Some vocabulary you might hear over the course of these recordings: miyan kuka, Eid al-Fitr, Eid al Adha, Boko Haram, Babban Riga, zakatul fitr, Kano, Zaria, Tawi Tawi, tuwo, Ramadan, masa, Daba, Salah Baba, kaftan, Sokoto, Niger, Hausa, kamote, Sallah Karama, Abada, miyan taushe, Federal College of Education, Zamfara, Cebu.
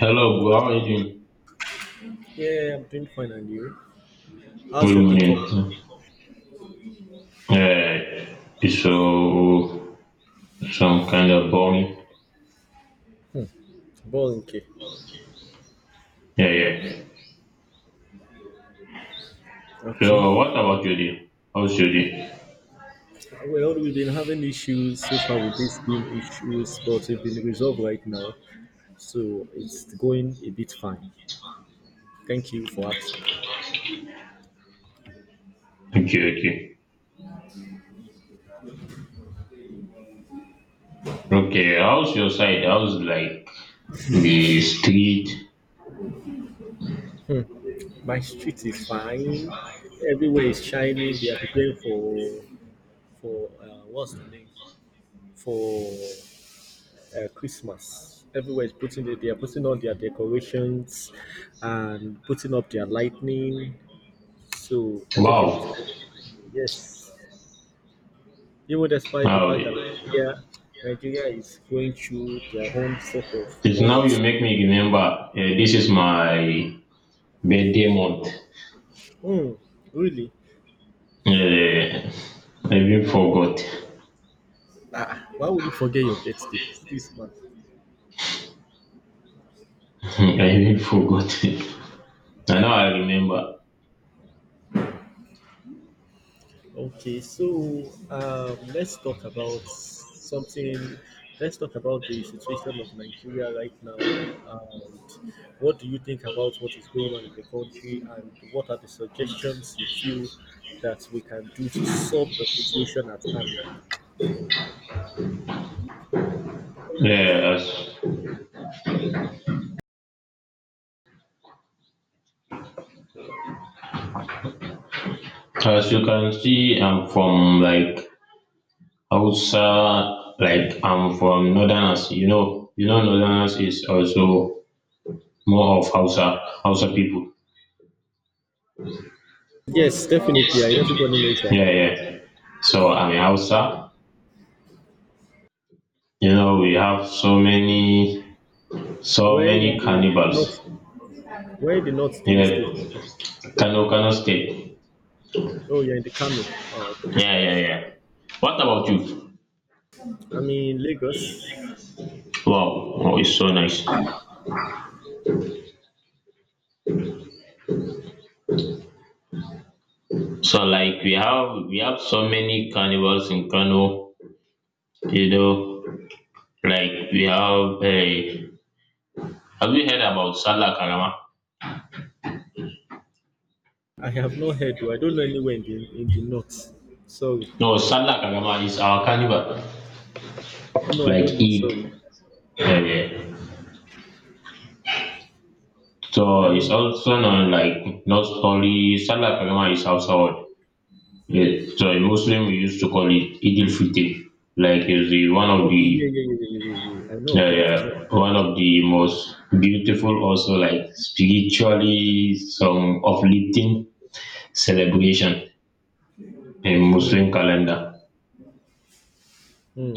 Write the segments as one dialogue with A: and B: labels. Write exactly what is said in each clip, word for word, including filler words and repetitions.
A: Hello, bro. How are you doing?
B: Yeah, yeah, yeah, I'm doing fine, and you? How's
A: Good
B: your day coming?
A: morning. Yeah, so some kind of boring.
B: Ball, okay.
A: Yeah, yeah.
B: Okay.
A: So, what about your day? How's your day?
B: Well, we've been having issues so far with this being issues, but it's been resolved right now, so it's going a bit fine. Thank you for asking.
A: Okay, okay, okay. How's your side? How's like the street?
B: My street is fine. Everywhere is shining. They are preparing for for uh, what's the name for uh, Christmas. Everywhere is putting it. They are putting on their decorations and putting up their lightning. So everything is
A: Wow.
B: good. Yes. Even despite the
A: Wow.
B: fact that Nigeria Nigeria is going through their own set of
A: It's now you
B: bonus.
A: make me remember. Eh, this is my birthday month.
B: Hmm, really?
A: Yeah, I even
B: Wow. Why,
A: forgot.
B: ah, why would you forget your birthday? This man.
A: I even forgot. I know I remember.
B: Okay, so um, let's talk about something. Let's talk about the situation of Nigeria right now. And what do you think about what is going on in the country, and what are the suggestions you feel that we can do to solve the situation at hand?
A: Yeah, as, as you can see, I'm from like Hausa, like I'm from Northerners. You know, you know, Northerners is also more of Hausa, Hausa people.
B: Yes, definitely. I, everybody knows that.
A: Yeah, yeah. So I'm a Hausa. You know, we have so many, so
B: Where in
A: many
B: the
A: cannibals.
B: north? Where in the north do you
A: Yeah,
B: stay?
A: Kano, Kano State.
B: Oh, you're in the Kano. Oh, okay.
A: Yeah, yeah, yeah. What about you?
B: I'm in Lagos.
A: Wow, oh, it's so nice. So like we have we have so many carnivals in Kano. You know, like we have a. Have you heard about Sallah Karama?
B: I have not heard, though. I don't know anywhere in the in the north. Sorry.
A: No, Sallah Karama is our carnival,
B: Oh no, I
A: like
B: don't know. Sorry,
A: Eid. Yeah, yeah.
B: I
A: So it's
B: don't know.
A: also known like not only Sallah Karama is household. Yeah, so in Muslim we used to call it Eid al-Fitr. Like is the one of
B: Okay, yeah,
A: the
B: yeah, yeah, yeah, yeah, yeah, yeah. I know of
A: yeah,
B: that. I know of
A: yeah, one of the most beautiful, also like spiritually some uplifting celebration in
B: that. Hmm.
A: Muslim calendar.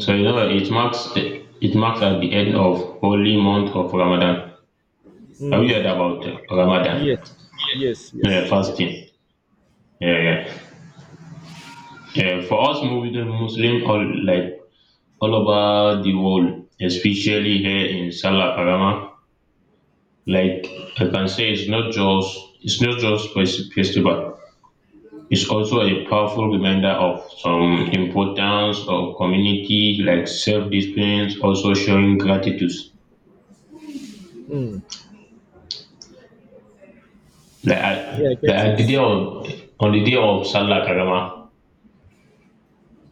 A: So you know it marks it marks at the end of holy month of Ramadan. Have you heard about uh,
B: Hmm. Yes.
A: Ramadan?
B: Yes.
A: No, yeah,
B: Yes. Yes.
A: fasting. Yeah, yeah. Yeah, for us Muslim, Muslim all like all over the world, especially here in Salah Karama, like I can say it's not just it's not just fes- festival. It's also a powerful reminder of some importance of community, like self-discipline, also showing gratitude.
B: Hmm.
A: Like
B: Yeah,
A: I
B: I
A: like
B: get
A: at the day
B: it.
A: of On the day of Sallah Karama.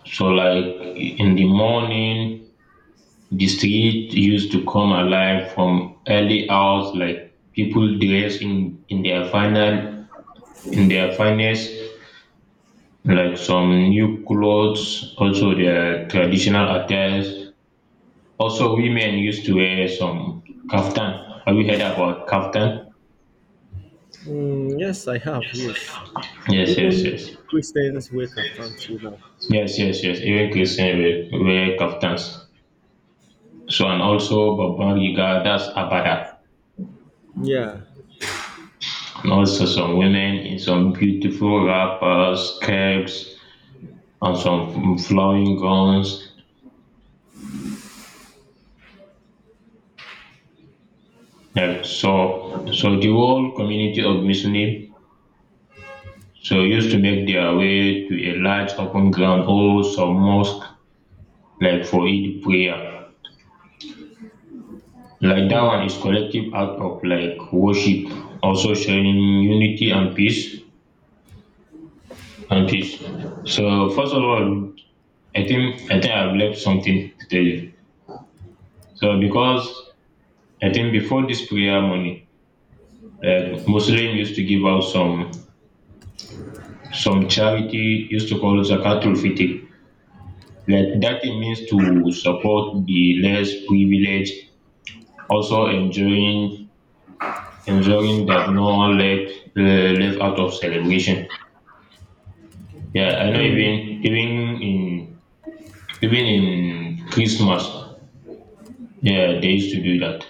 A: So like in the morning, the street used to come alive from early hours, like people dressed in, in their final in their finest, like some new clothes, also their traditional attires. Also women used to wear some kaftan. Have you heard about kaftan?
B: Hmm. Yes, I have. Yes.
A: Yes, yes,
B: Even
A: yes.
B: Christians wear kaftan too now.
A: Yes, yes, yes. Even Christian wear, wear kaftans. So and also Babban Riga, that's Abada.
B: Yeah.
A: And also some women in some beautiful wrappers, skirts, and some flowing gowns. Like so, so the whole community of Muslim so used to make their way to a large open ground or some mosque like for Eid prayer. Like that
B: Hmm.
A: one is collective act of like worship, also sharing unity and peace and peace. So first of all, I think I think I've left something to tell you. So because I think before this prayer money, like Muslim used to give out some some charity used to call zakatul fitr. Like that it means to support the less privileged, also enjoying ensuring that no one left uh, left out of celebration. Yeah, I know
B: Hmm.
A: even even in even in Christmas, yeah, they used to do that.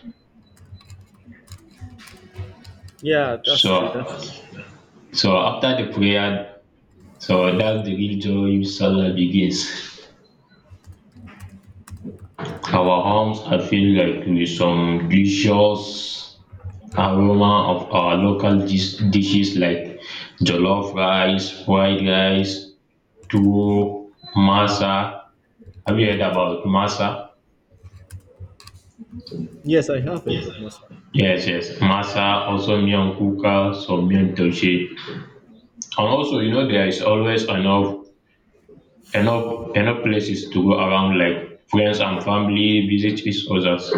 B: Yeah, that's true. That's
A: So
B: true.
A: so after the prayer, so that's the real joy Salah begins. Our homes are filled like with some delicious aroma of our local dis- dishes like jollof rice, fried rice, tuwo, masa. Have you heard about masa?
B: Yes, I have heard of Masa.
A: Yes, yes, masa, also miyan kuka, some miyan taushe. And also, you know, there is always enough, enough, enough places to go around, like friends and family visit each others.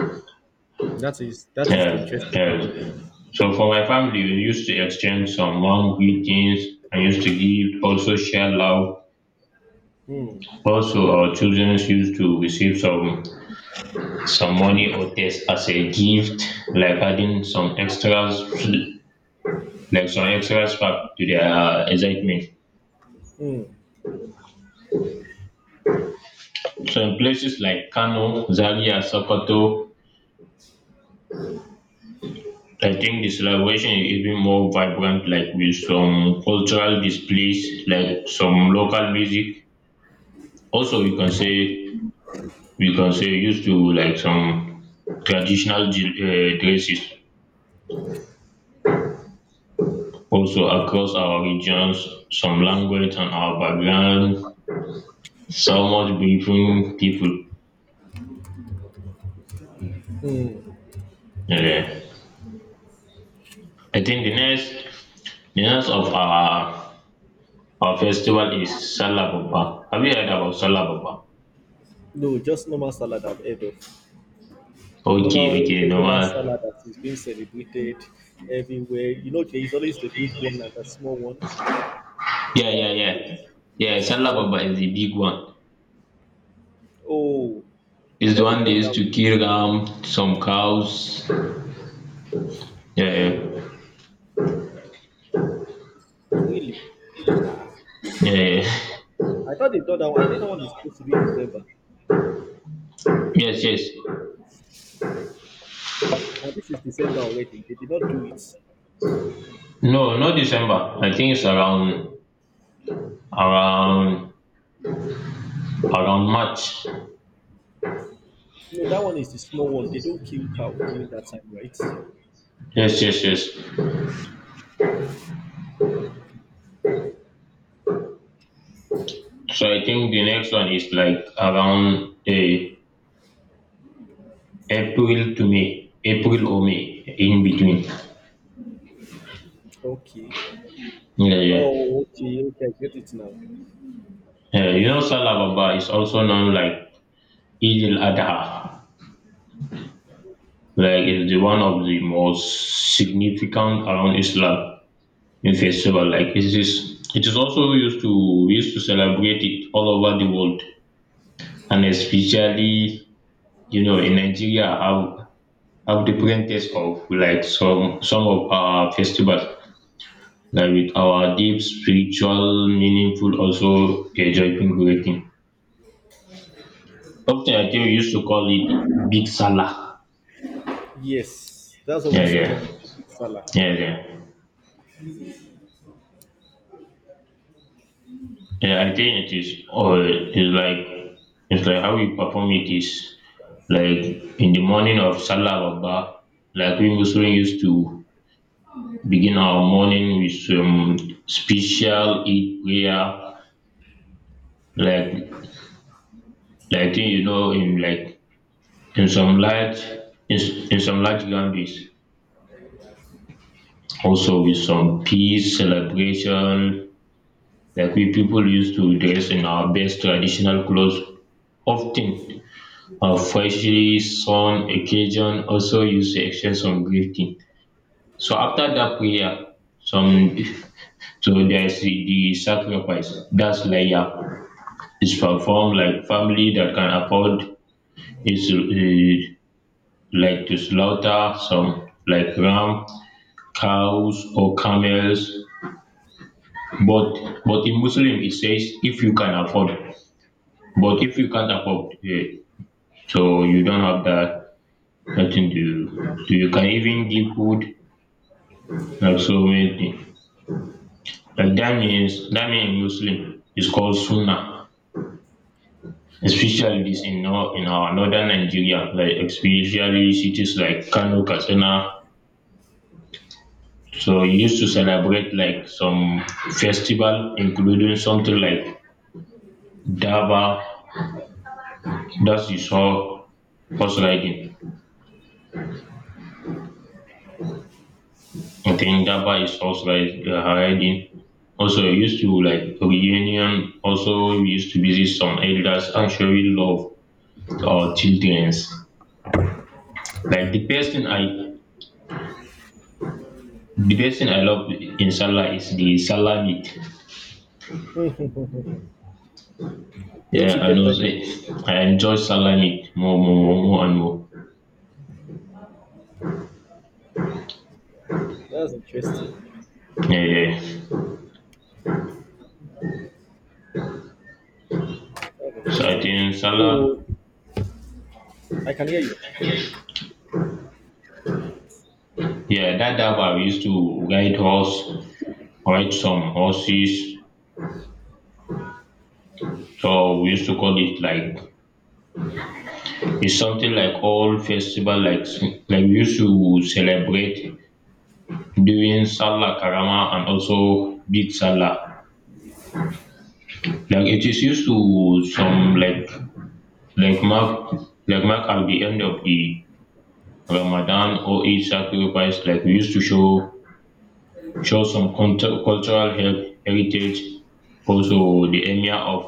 B: That is that is the
A: Yes,
B: interesting part of
A: yes.
B: it.
A: So for my family, we used to exchange some warm greetings and used to give also share love.
B: Hmm.
A: Also, our children used to receive some some money or this as a gift, like adding some extras, like some extras back to their uh, excitement.
B: Hmm.
A: So in places like Kano, Zaria, Sokoto, I think the celebration is even more vibrant, like with some cultural displays, like some local music. Also, you can say we can say used to like some traditional dre- uh, dresses also across our regions, some language and our background, so much different people.
B: Mm.
A: Eh, I think the next the next of our our festival is Salah Baba. Have you heard about Salah Baba?
B: No, just normal salad I've heard of.
A: Okay,
B: Normal,
A: okay, the
B: regular
A: one.
B: salad that is being celebrated everywhere. You know, there is always the big one and the small one.
A: Yeah,
B: That,
A: yeah, yeah.
B: yes,
A: Yeah,
B: yes.
A: Salah
B: That,
A: Baba is the big one.
B: oh, I
A: It's the
B: thought they've
A: one they
B: done
A: used
B: that
A: to kill um some cows. Yeah,
B: one. Mm,
A: yeah,
B: really?
A: yeah, yeah.
B: I thought they've done that one. I thought that one is supposed to be in November.
A: Yes, yes.
B: And this is December already. They did not do it.
A: No, not December. I think it's around around around March.
B: No, that one is the small one. They don't kill cow during that time, right?
A: Yes, yes, yes. So I think the next one is like around uh, April to May, April or May, in between.
B: Okay.
A: Yeah, yeah.
B: Oh, okay, okay, I get it now.
A: Yeah, you know, Salah Baba is also known like Eid al Adha. Like it's the one of the most significant around Islam in festival. Like it is, it is also used to we used to celebrate it all over the world, and especially you know, in Nigeria have have different taste of like some some of our festivals like with our deep spiritual meaningful also a joyful greeting. Often I think we used to call it big salah.
B: Yes, that's what we
A: Yeah,
B: used to
A: yeah,
B: call it, salad.
A: yeah, yeah. Yeah, I think it is or it's like it's like how we perform it is like in the morning of Salah Baba, like we Muslims used to begin our morning with some special Eid prayer like. Like, I think you know in like in some large in, in some large gatherings also with some peace celebration like we people used to dress in our best traditional clothes often uh, freshly some occasion also used to exchange some greeting so after that prayer some so there's the, the sacrifice that's layer is performed like family that can afford is uh, like to slaughter some like ram, cows or camels. But but in Muslim it says if you can afford. But if you can't afford, eh, so you don't have that nothing to do. So, you can even give food like so many things. Like that means that means Muslim is called Sunnah. Especially this in, nor- in our northern Nigeria, like especially cities like Kano, Katsina, so you used to celebrate like some festival, including something like Daba. That is all horse riding. I think Daba is horse ri- uh, riding. Also, we used to like reunion. Also, we used to visit some elders and showing love to our childrens. Like the best thing I, the best thing I love in Salah is the Salah meat.
B: Don't
A: Yeah,
B: you
A: I
B: get
A: know.
B: tired?
A: Say, I enjoy Salah meat more, more, more, more and more.
B: That's interesting.
A: Yeah, yeah.
B: That's
A: So I
B: interesting.
A: think Salah.
B: So I can hear
A: Yeah, that daba we used to ride horse, ride some horses. So we used to call it like it's something like old festival, like like we used to celebrate during Salah Karama and also Big Salah. Like it is used to some like like mark like mark at the end of the Ramadan or each sacrifice. Like we used to show show some cultu- cultural he- heritage, also the emir of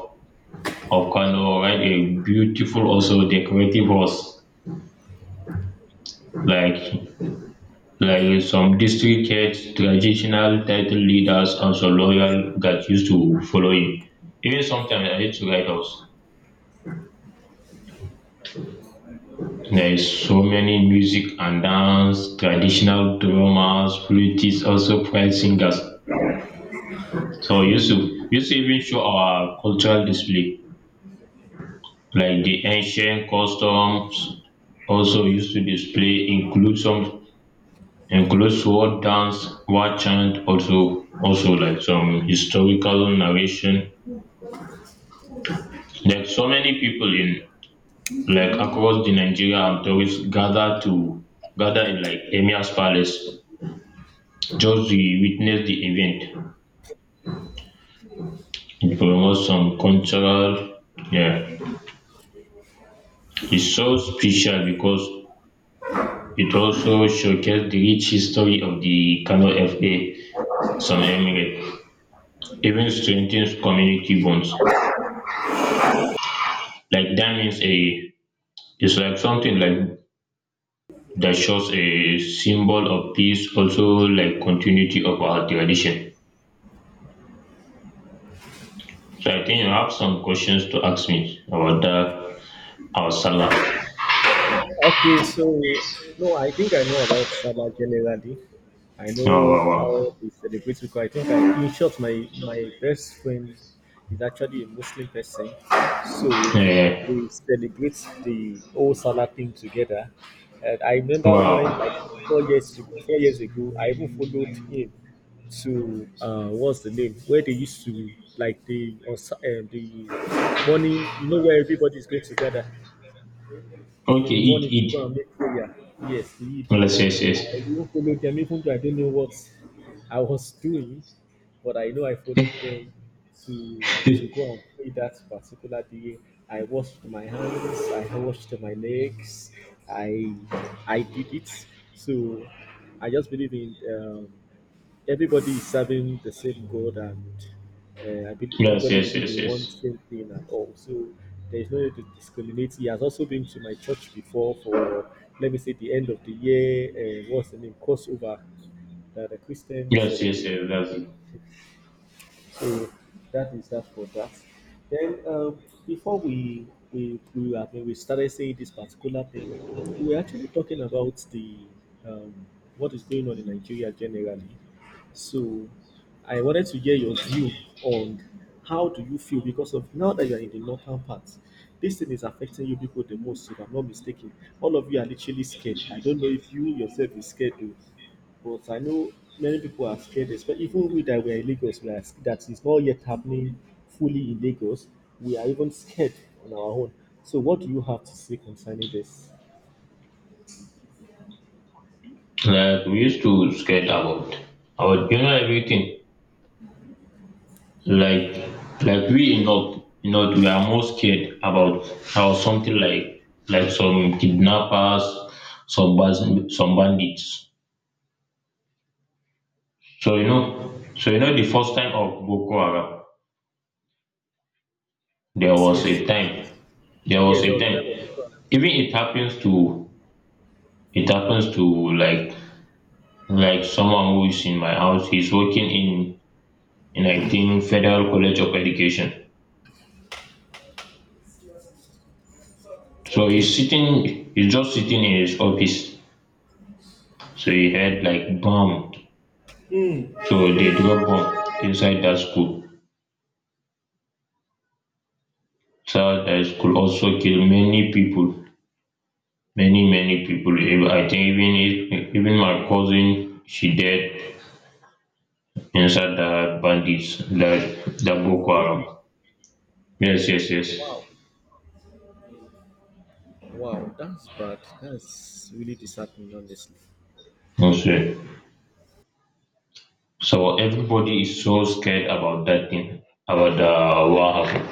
A: of colour while a beautiful also decorative horse like like some district heads, traditional title leaders, and some loyal that used to follow him. Even sometimes I used to ride horse. There is so many music and dance, traditional drummers, flutists, also pride singers. So we used to
B: you.
A: we used to even show our cultural display like the ancient customs also used to display include some includes sword dance, war chant, also also like some historical narration. Like so many people in like across the Nigeria and tourists gather to gather in like Emir's Palace just to witness the event. It promotes some cultural yeah. It's so special because it also showcases the rich history of the Kano F A, some Emirate even strengthens community bonds. Like that means a. It's like something like that shows a symbol of peace, also like continuity of our tradition. So I think you have some questions to ask me about that our Salah.
B: Okay, so no, I think I know about Salah generally. I
A: Oh,
B: know
A: wow,
B: how
A: wow.
B: they celebrate because I think I, in short, my my best friend is actually a Muslim person, so
A: Eh,
B: we celebrate the whole Salah thing together. And I remember
A: wow.
B: when like four years four years ago, I even followed him to uh, what's the name where they used to like the on Sa- uh, the morning, you know, where everybody's going to gather in
A: Okay,
B: the
A: eat,
B: morning to
A: eat.
B: go and make prayer. Yes, lead.
A: Yes, yes,
B: I
A: yes.
B: even followed them, even though I don't know what I was doing, but I know I followed them to to go and pray that particular day. I washed my hands, I washed my legs, I I did it. So I just believe in um, everybody is serving the same God and uh, I believe
A: Yes,
B: everybody
A: yes,
B: believe
A: yes,
B: in one
A: yes.
B: same thing and all. So there is no need to discriminate. He has also been to my church before for let me say the end of the year. Uh, what's the name crossover that the Christians
A: Yes, yes,
B: celebrate.
A: yes, that's it.
B: So that is that for that. Then uh, before we we we, I mean, we started saying this particular thing, we were actually talking about the um, what is going on in Nigeria generally. So I wanted to hear your view on how do you feel because of now that you are in the northern part, this thing is affecting you people the most, if I'm not mistaken. All of you are literally scared. I don't know if you yourself is scared too. But I know many people are scared, especially even we that we are in Lagos, we are, sc- that is not yet happening fully in Lagos. We are even scared on our own. So, what do you have to say concerning this?
A: Like we used to scared about about you know everything. Like like we in North in North we are more scared about how something like like some kidnappers, some bas- some bandits. So you know so you know the first time of Boko Haram, there
B: Yes,
A: was a
B: yes, yes. Yes,
A: time there was
B: yes, there
A: a
B: was a time of
A: time
B: people.
A: even it happens to it happens to like like someone who is in my house he's working in in I think Federal College of Education. So
B: Okay.
A: he's sitting, he's just sitting in his office. So he heard like bomb.
B: Hmm.
A: So they drop
B: Really?
A: bomb inside that school. So that school also killed many people, many many people. Ev- I think even if, even my cousin, she dead inside the bandits, the the Boko
B: Really?
A: Haram. Yes, yes, yes.
B: Wow. Wow, that's bad. That's really disheartening, honestly.
A: Okay. So everybody is so scared about that thing, about the what happened.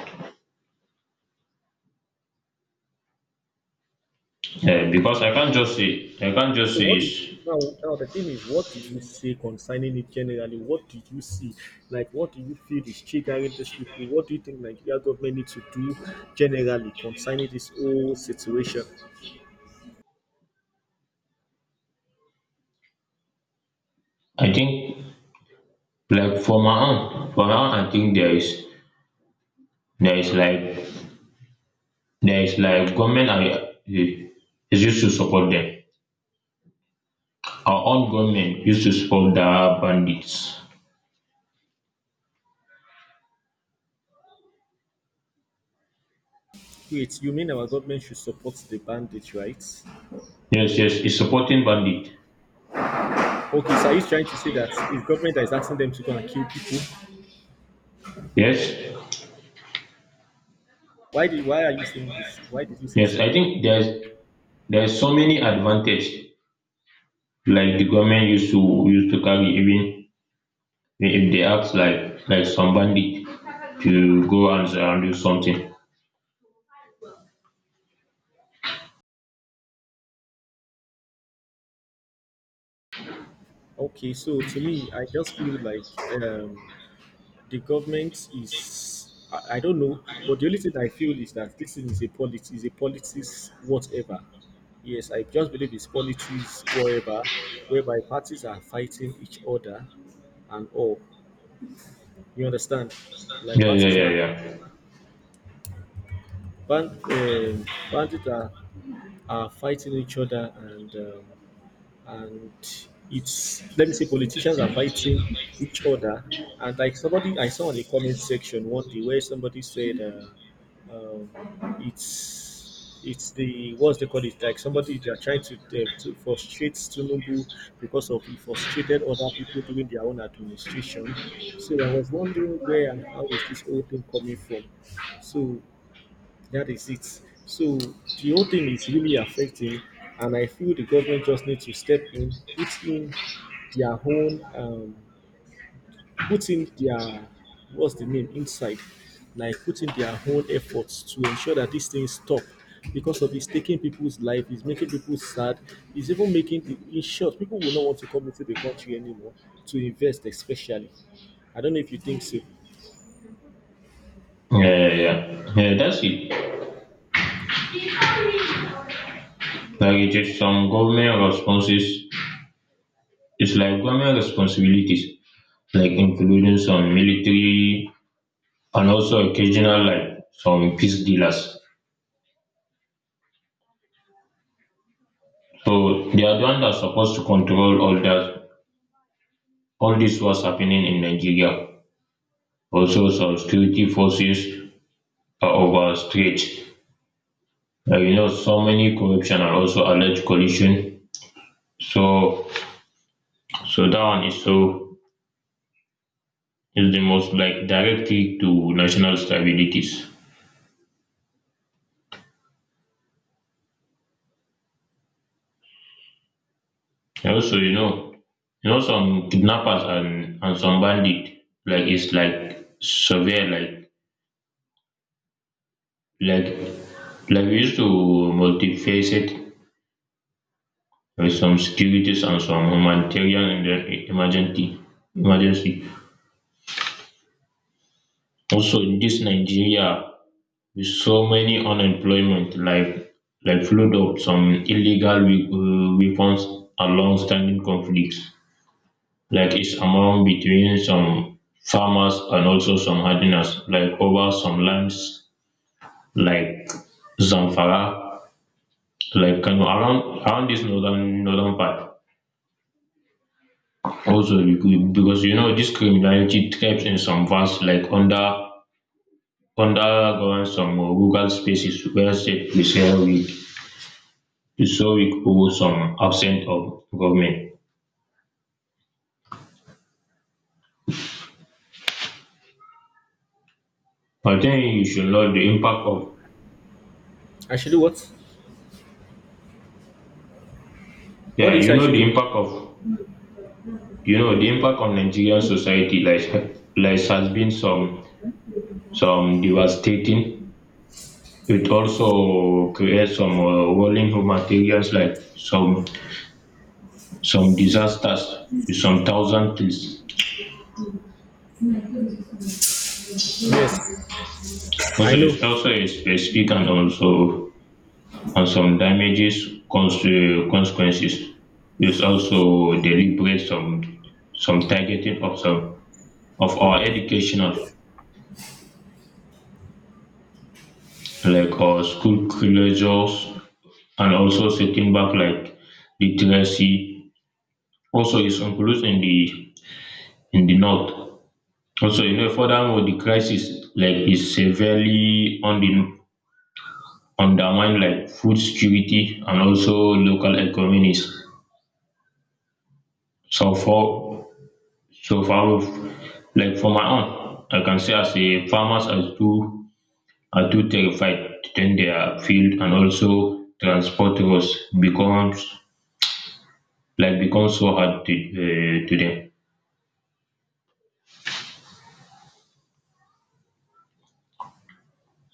A: Yeah, because I can't just say, I can't just
B: So
A: say
B: what do you,
A: it's.
B: now now the thing is what do you say concerning it generally? What do you see? Like what do you feel is triggering these people? What do you think Nigeria government needs to do generally concerning this whole situation?
A: I think like for my own for my own I think there is there is like there is like government are eh, is used to support them. Our own government used to support the bandits.
B: Wait, you mean our government should support the bandits, right?
A: Yes, yes, it's supporting bandit.
B: Okay, so are you trying to say that it's government that is asking them to go and kill people?
A: Yes,
B: Why did why are you saying this? Why did you say
A: yes.
B: so?
A: I think there's there's so many advantage, like the government used to used to carry, even if they act like like some bandit to go and, and do something.
B: Okay, so to me, I just feel like um, the government is I, I don't know, but the only thing I feel is that this thing is a politics is a politics whatever. Yes, I just believe it's politics whatever, whereby parties are fighting each other and all. You understand? Like
A: Yeah, yeah,
B: parties
A: yeah,
B: are
A: yeah,
B: band um, bandits are are fighting each other and um, and it's let me say politicians are fighting each other and like somebody I saw in the comment section one day where somebody said uh, um, it's it's the what's they call it like somebody they are trying to uh, to frustrate Tinubu because of he frustrated other people during their own administration. So I was wondering where and how is this whole thing coming from. So that is it. So the whole thing is really affecting, and I feel the government just needs to step in, put in their own, um, put in their what's the name inside, like put in their own efforts to ensure that these things stop because of it's taking people's life, it's making people sad, it's even making the- in short people will not want to come into the country anymore to invest, especially. I don't know if you think so.
A: yeah, yeah, yeah. Yeah, that's it. Like it's some government responses. It's like government responsibilities, like including some military and also occasional like some peace dealers. So they are the one that's supposed to control all that, all this was happening in Nigeria. Also some security forces are overstretched. Like you know so many corruption and also alleged collusion. So so that one is so is the most like directly to national stabilities. Also you know You know, some kidnappers and, and some bandit, like it's like severe, like like like we used to multifaceted with some securities and some humanitarian and then emergency emergency. Also in this Nigeria with so many unemployment, like like flood of some illegal we- uh, weapons and long-standing conflicts, like it's among between some farmers and also some hardliners, like over some lands like Zamfara, like Kano, around around this northern northern part. Also, becau- because you know this criminality thrives in some vast, like under underground some rural spaces where state is so weak, so weak or some absent of government. I think you should know the impact of.
B: I should do what?
A: Yeah,
B: What is
A: you
B: I
A: know
B: should
A: the
B: do?
A: impact of. You know the impact on Nigerian society, like like has been some some devastating. It also creates some uh, rolling materials like some some disasters with some thousand trees.
B: Yes, I
A: Also,
B: know.
A: it's also a specific and also and some damages cons- uh, consequences. It's also deliberate some some targeting of some of our educational, like our school closures and also setting back like literacy. Also, it's included in the in the north. Also, you know, furthermore, the crisis like is severely under undermined like food security and also local economies. So for so far, like for my own, I can say as a farmers are too are too terrified to tend their field, and also transport roads becomes like becomes so hard to, uh, to them.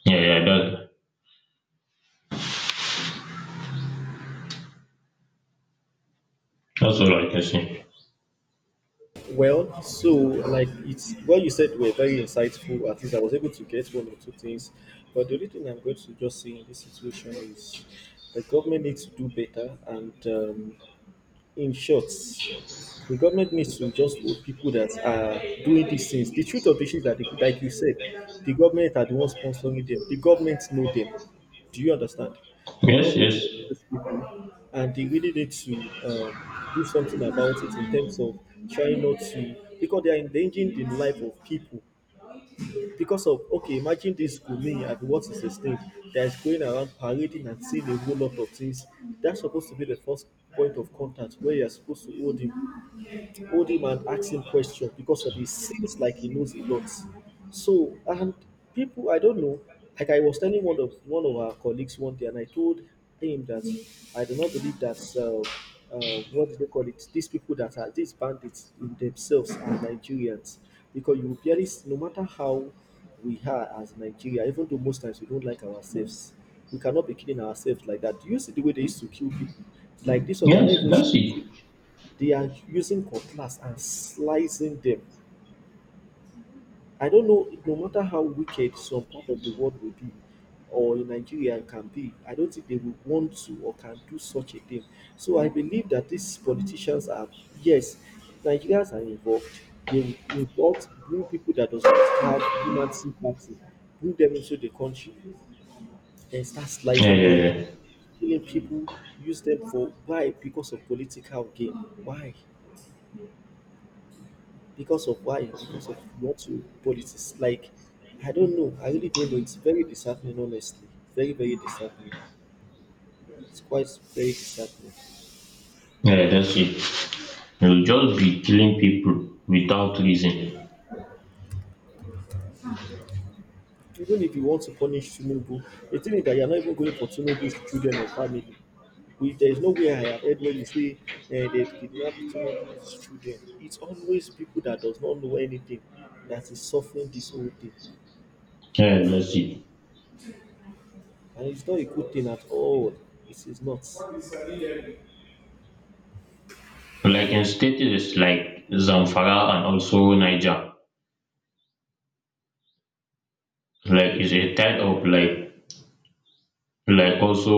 A: Yeah, yeah, that, that's all I can say.
B: Well, so like it's what you said were very insightful. At least I was able to get one or two things. But the only thing I'm going to just say in this situation is the government needs to do better and um, in short, the government needs to just hold people that are doing these things. The truth of the issue is that, the, like you said, the government are the ones sponsoring them. The government know them. Do you understand? The
A: Yes,
B: government
A: yes,
B: knows these people, and they really need to um, do something about it in terms of trying not to, because they are endangering the life of people because of okay imagine this Gumi and what is his name that is going around parading and seeing a whole lot of things that's supposed to be the first point of contact where you're supposed to hold him hold him and ask him questions because of he seems like he knows a lot. So and people I don't know, like I was telling one of one of our colleagues one day, and I told him that I do not believe that uh, uh, what do they call it? These people that are these bandits in themselves are Nigerians because you will barely s- no matter how we are as Nigeria, even though most times we don't like ourselves, we cannot be killing ourselves like that. Do you see the way they used to kill people? Like this one, they are not
A: yes,
B: even
A: that's it.
B: shooting. They are using cutlass and slicing them. I don't know, no matter how wicked some part of the world will be or in Nigeria can be, I don't think they will want to or can do such a thing. So I believe that these politicians are, yes, Nigerians are involved. They involved bring people that does not have human sympathy, bring them into the country and start
A: Yeah,
B: slicing them,
A: yeah,
B: killing people, use them for why? Because of political gain. Why? Because of why? Because of what you politics. Like, I don't know. I really don't know. It's very disheartening, honestly. Very, very disheartening. It's quite very disheartening.
A: yeah, yeah, that's it. You'll just be killing people without reason.
B: Even if you want to punish Tinubu, the thing is that you're not even going for Tinubu's children or family. We, there is no way I have heard where you say eh, they kidnapped Tinubu's children. It's always people that does not know anything that is suffering this whole thing.
A: Yeah, that's it.
B: And it's not a good thing at all. It is not.
A: Like in states like Zamfara and also Niger, like is a type of like like also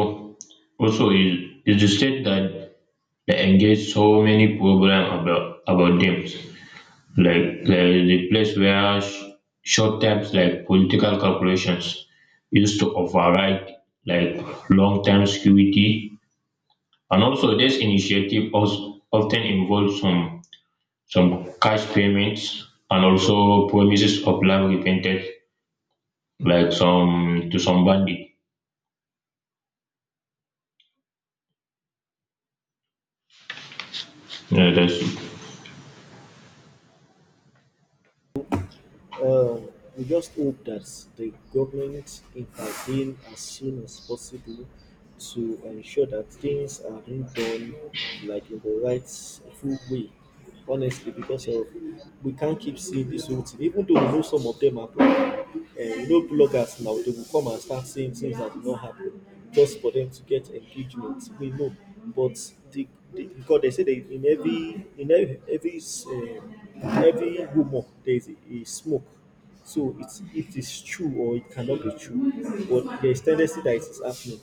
A: also is is the state that they engage so many problem about about them. Like there is a place where sh- short terms like political calculations used to override like long term security, and also this initiative also often involves some some cash payments, and also promises of love repented, like some to some bandit. Yeah, that's
B: Uh, we just hope that the government intervene as soon as possible to ensure that things are being done like in the right, full way. Honestly, because of we can't keep seeing this whole thing, even though we know some of them happen. Uh, you know, bloggers now they will come and start saying things that did not happen just for them to get engagement. We know, but the they, because they say that in every in every every um, every rumor there is a, a smoke. So it's it is true or it cannot be true, but there is tendency that it is happening.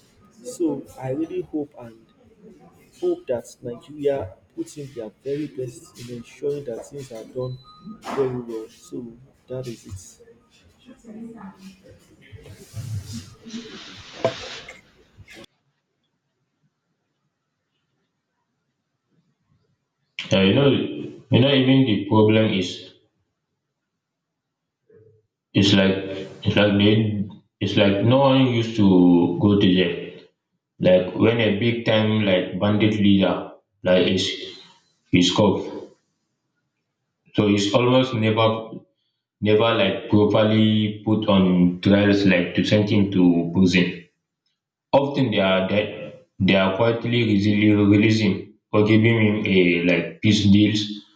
B: So I really hope and hope that Nigeria puts in their very best in ensuring that things are done very well. So that is it.
A: yeah, you know, you know, even the problem is it's like it's like they it's like no one used to go to jail. Like when a big time like bandit leader like is is caught, so it's almost never never like properly put on trials like to send him to prison. Often they are that they are quietly resi- releasing or giving him a like peace deals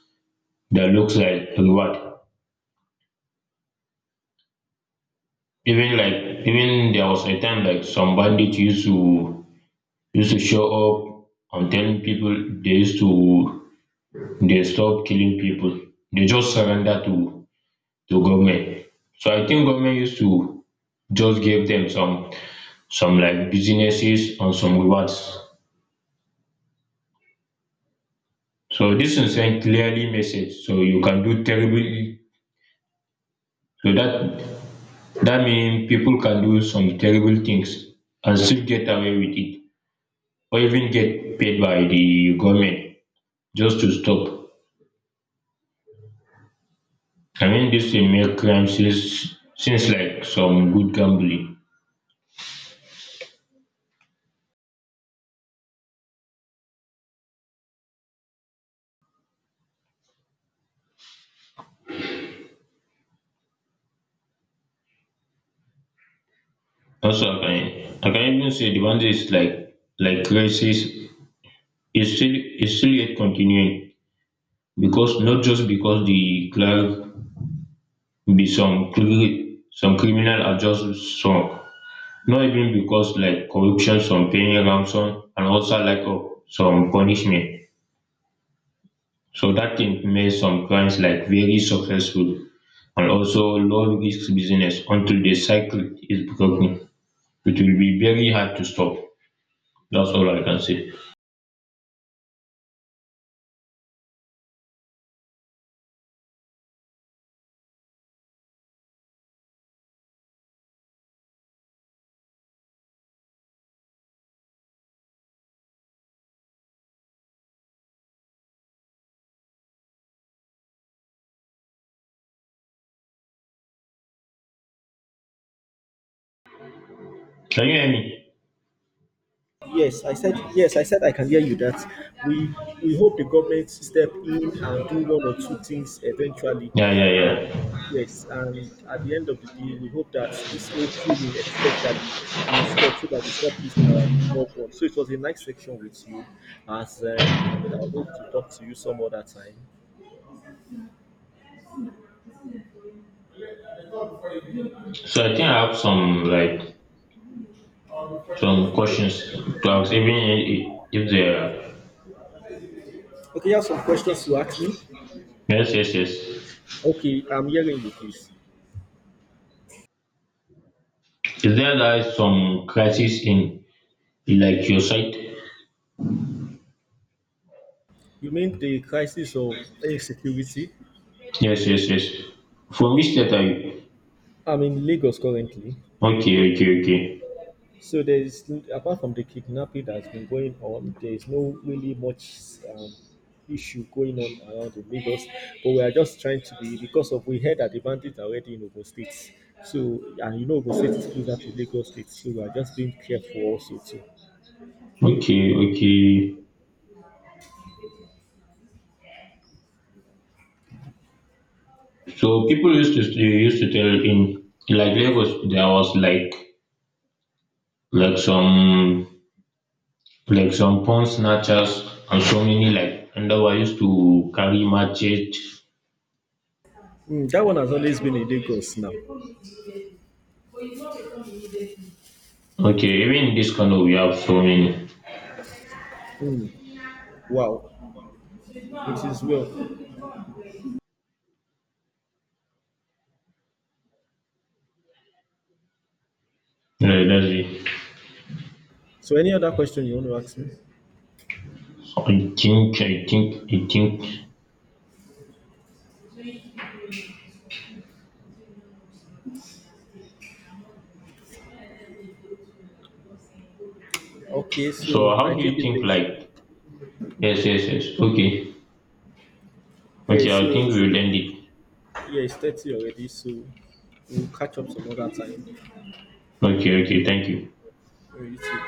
A: that looks like reward. Even like even there was a time like some bandits used to used to show up and telling people they used to they stop killing people. They just surrender to to government. So I think government used to just give them some some like businesses and some rewards. So this is a clearly message. So you can do terrible. So that that means people can do some terrible things and still get away with it, or even get paid by the government just to stop. I mean, this will make crime seems, seems like some good gambling. Also, I can, I can even say the one that is like like crisis is still is still yet continuing because not just because the clerk be some cri- some criminal are just some. Not even because like corruption some paying ransom and also like of some punishment, so that thing make some crimes like very successful and also low risk business until the cycle is broken, it will be very hard to stop. That's all I can say. Can you hear me?
B: Yes, I said yes. I said I can hear you. That we we hope the government step in and do one or two things eventually,
A: Yeah, yeah,
B: and
A: yeah.
B: yes, and at the end of the day, we hope that this whole killing, especially, will stop so that we stop losing our loved ones. So it was a nice section with you, as and, and I hope to talk to you some other time.
A: So I think I have some like some questions to ask even i- i- if there.
B: Okay, you have some questions to ask me.
A: Yes, yes, yes.
B: Okay, I'm hearing you, please.
A: Is there like some crisis in like your site?
B: You mean the crisis of insecurity?
A: Yes, yes, yes. From which state are you?
B: I'm in Lagos currently.
A: Okay, okay, okay.
B: So there is apart from the kidnapping that's been going on, there is no really much um, issue going on around the Lagos. But we are just trying to be because of we heard that the bandits are already in Ogun State. So and you know Ogun State is closer to Lagos State, so we are just being careful also too.
A: Okay, okay, so people used to they used to tell in like Lagos there was like like some like some pawn snatchers and so many like and they were used to carry machete.
B: Mm, that one has always been in Lagos now.
A: Okay, even in this Kano we have so many.
B: Mm, wow, it is well.
A: Yeah, that's it.
B: So any other question you want to ask me?
A: I think i think i think.
B: Okay,
A: So
B: so
A: how
B: I
A: do
B: think
A: you
B: it
A: think
B: is.
A: like. Yes, yes, yes. Okay,
B: Yeah,
A: okay, I
B: so
A: think we
B: it's
A: will end it.
B: yeah, it's thirty already. So we'll catch up some other time.
A: Okay, okay, thank you.
B: 对于此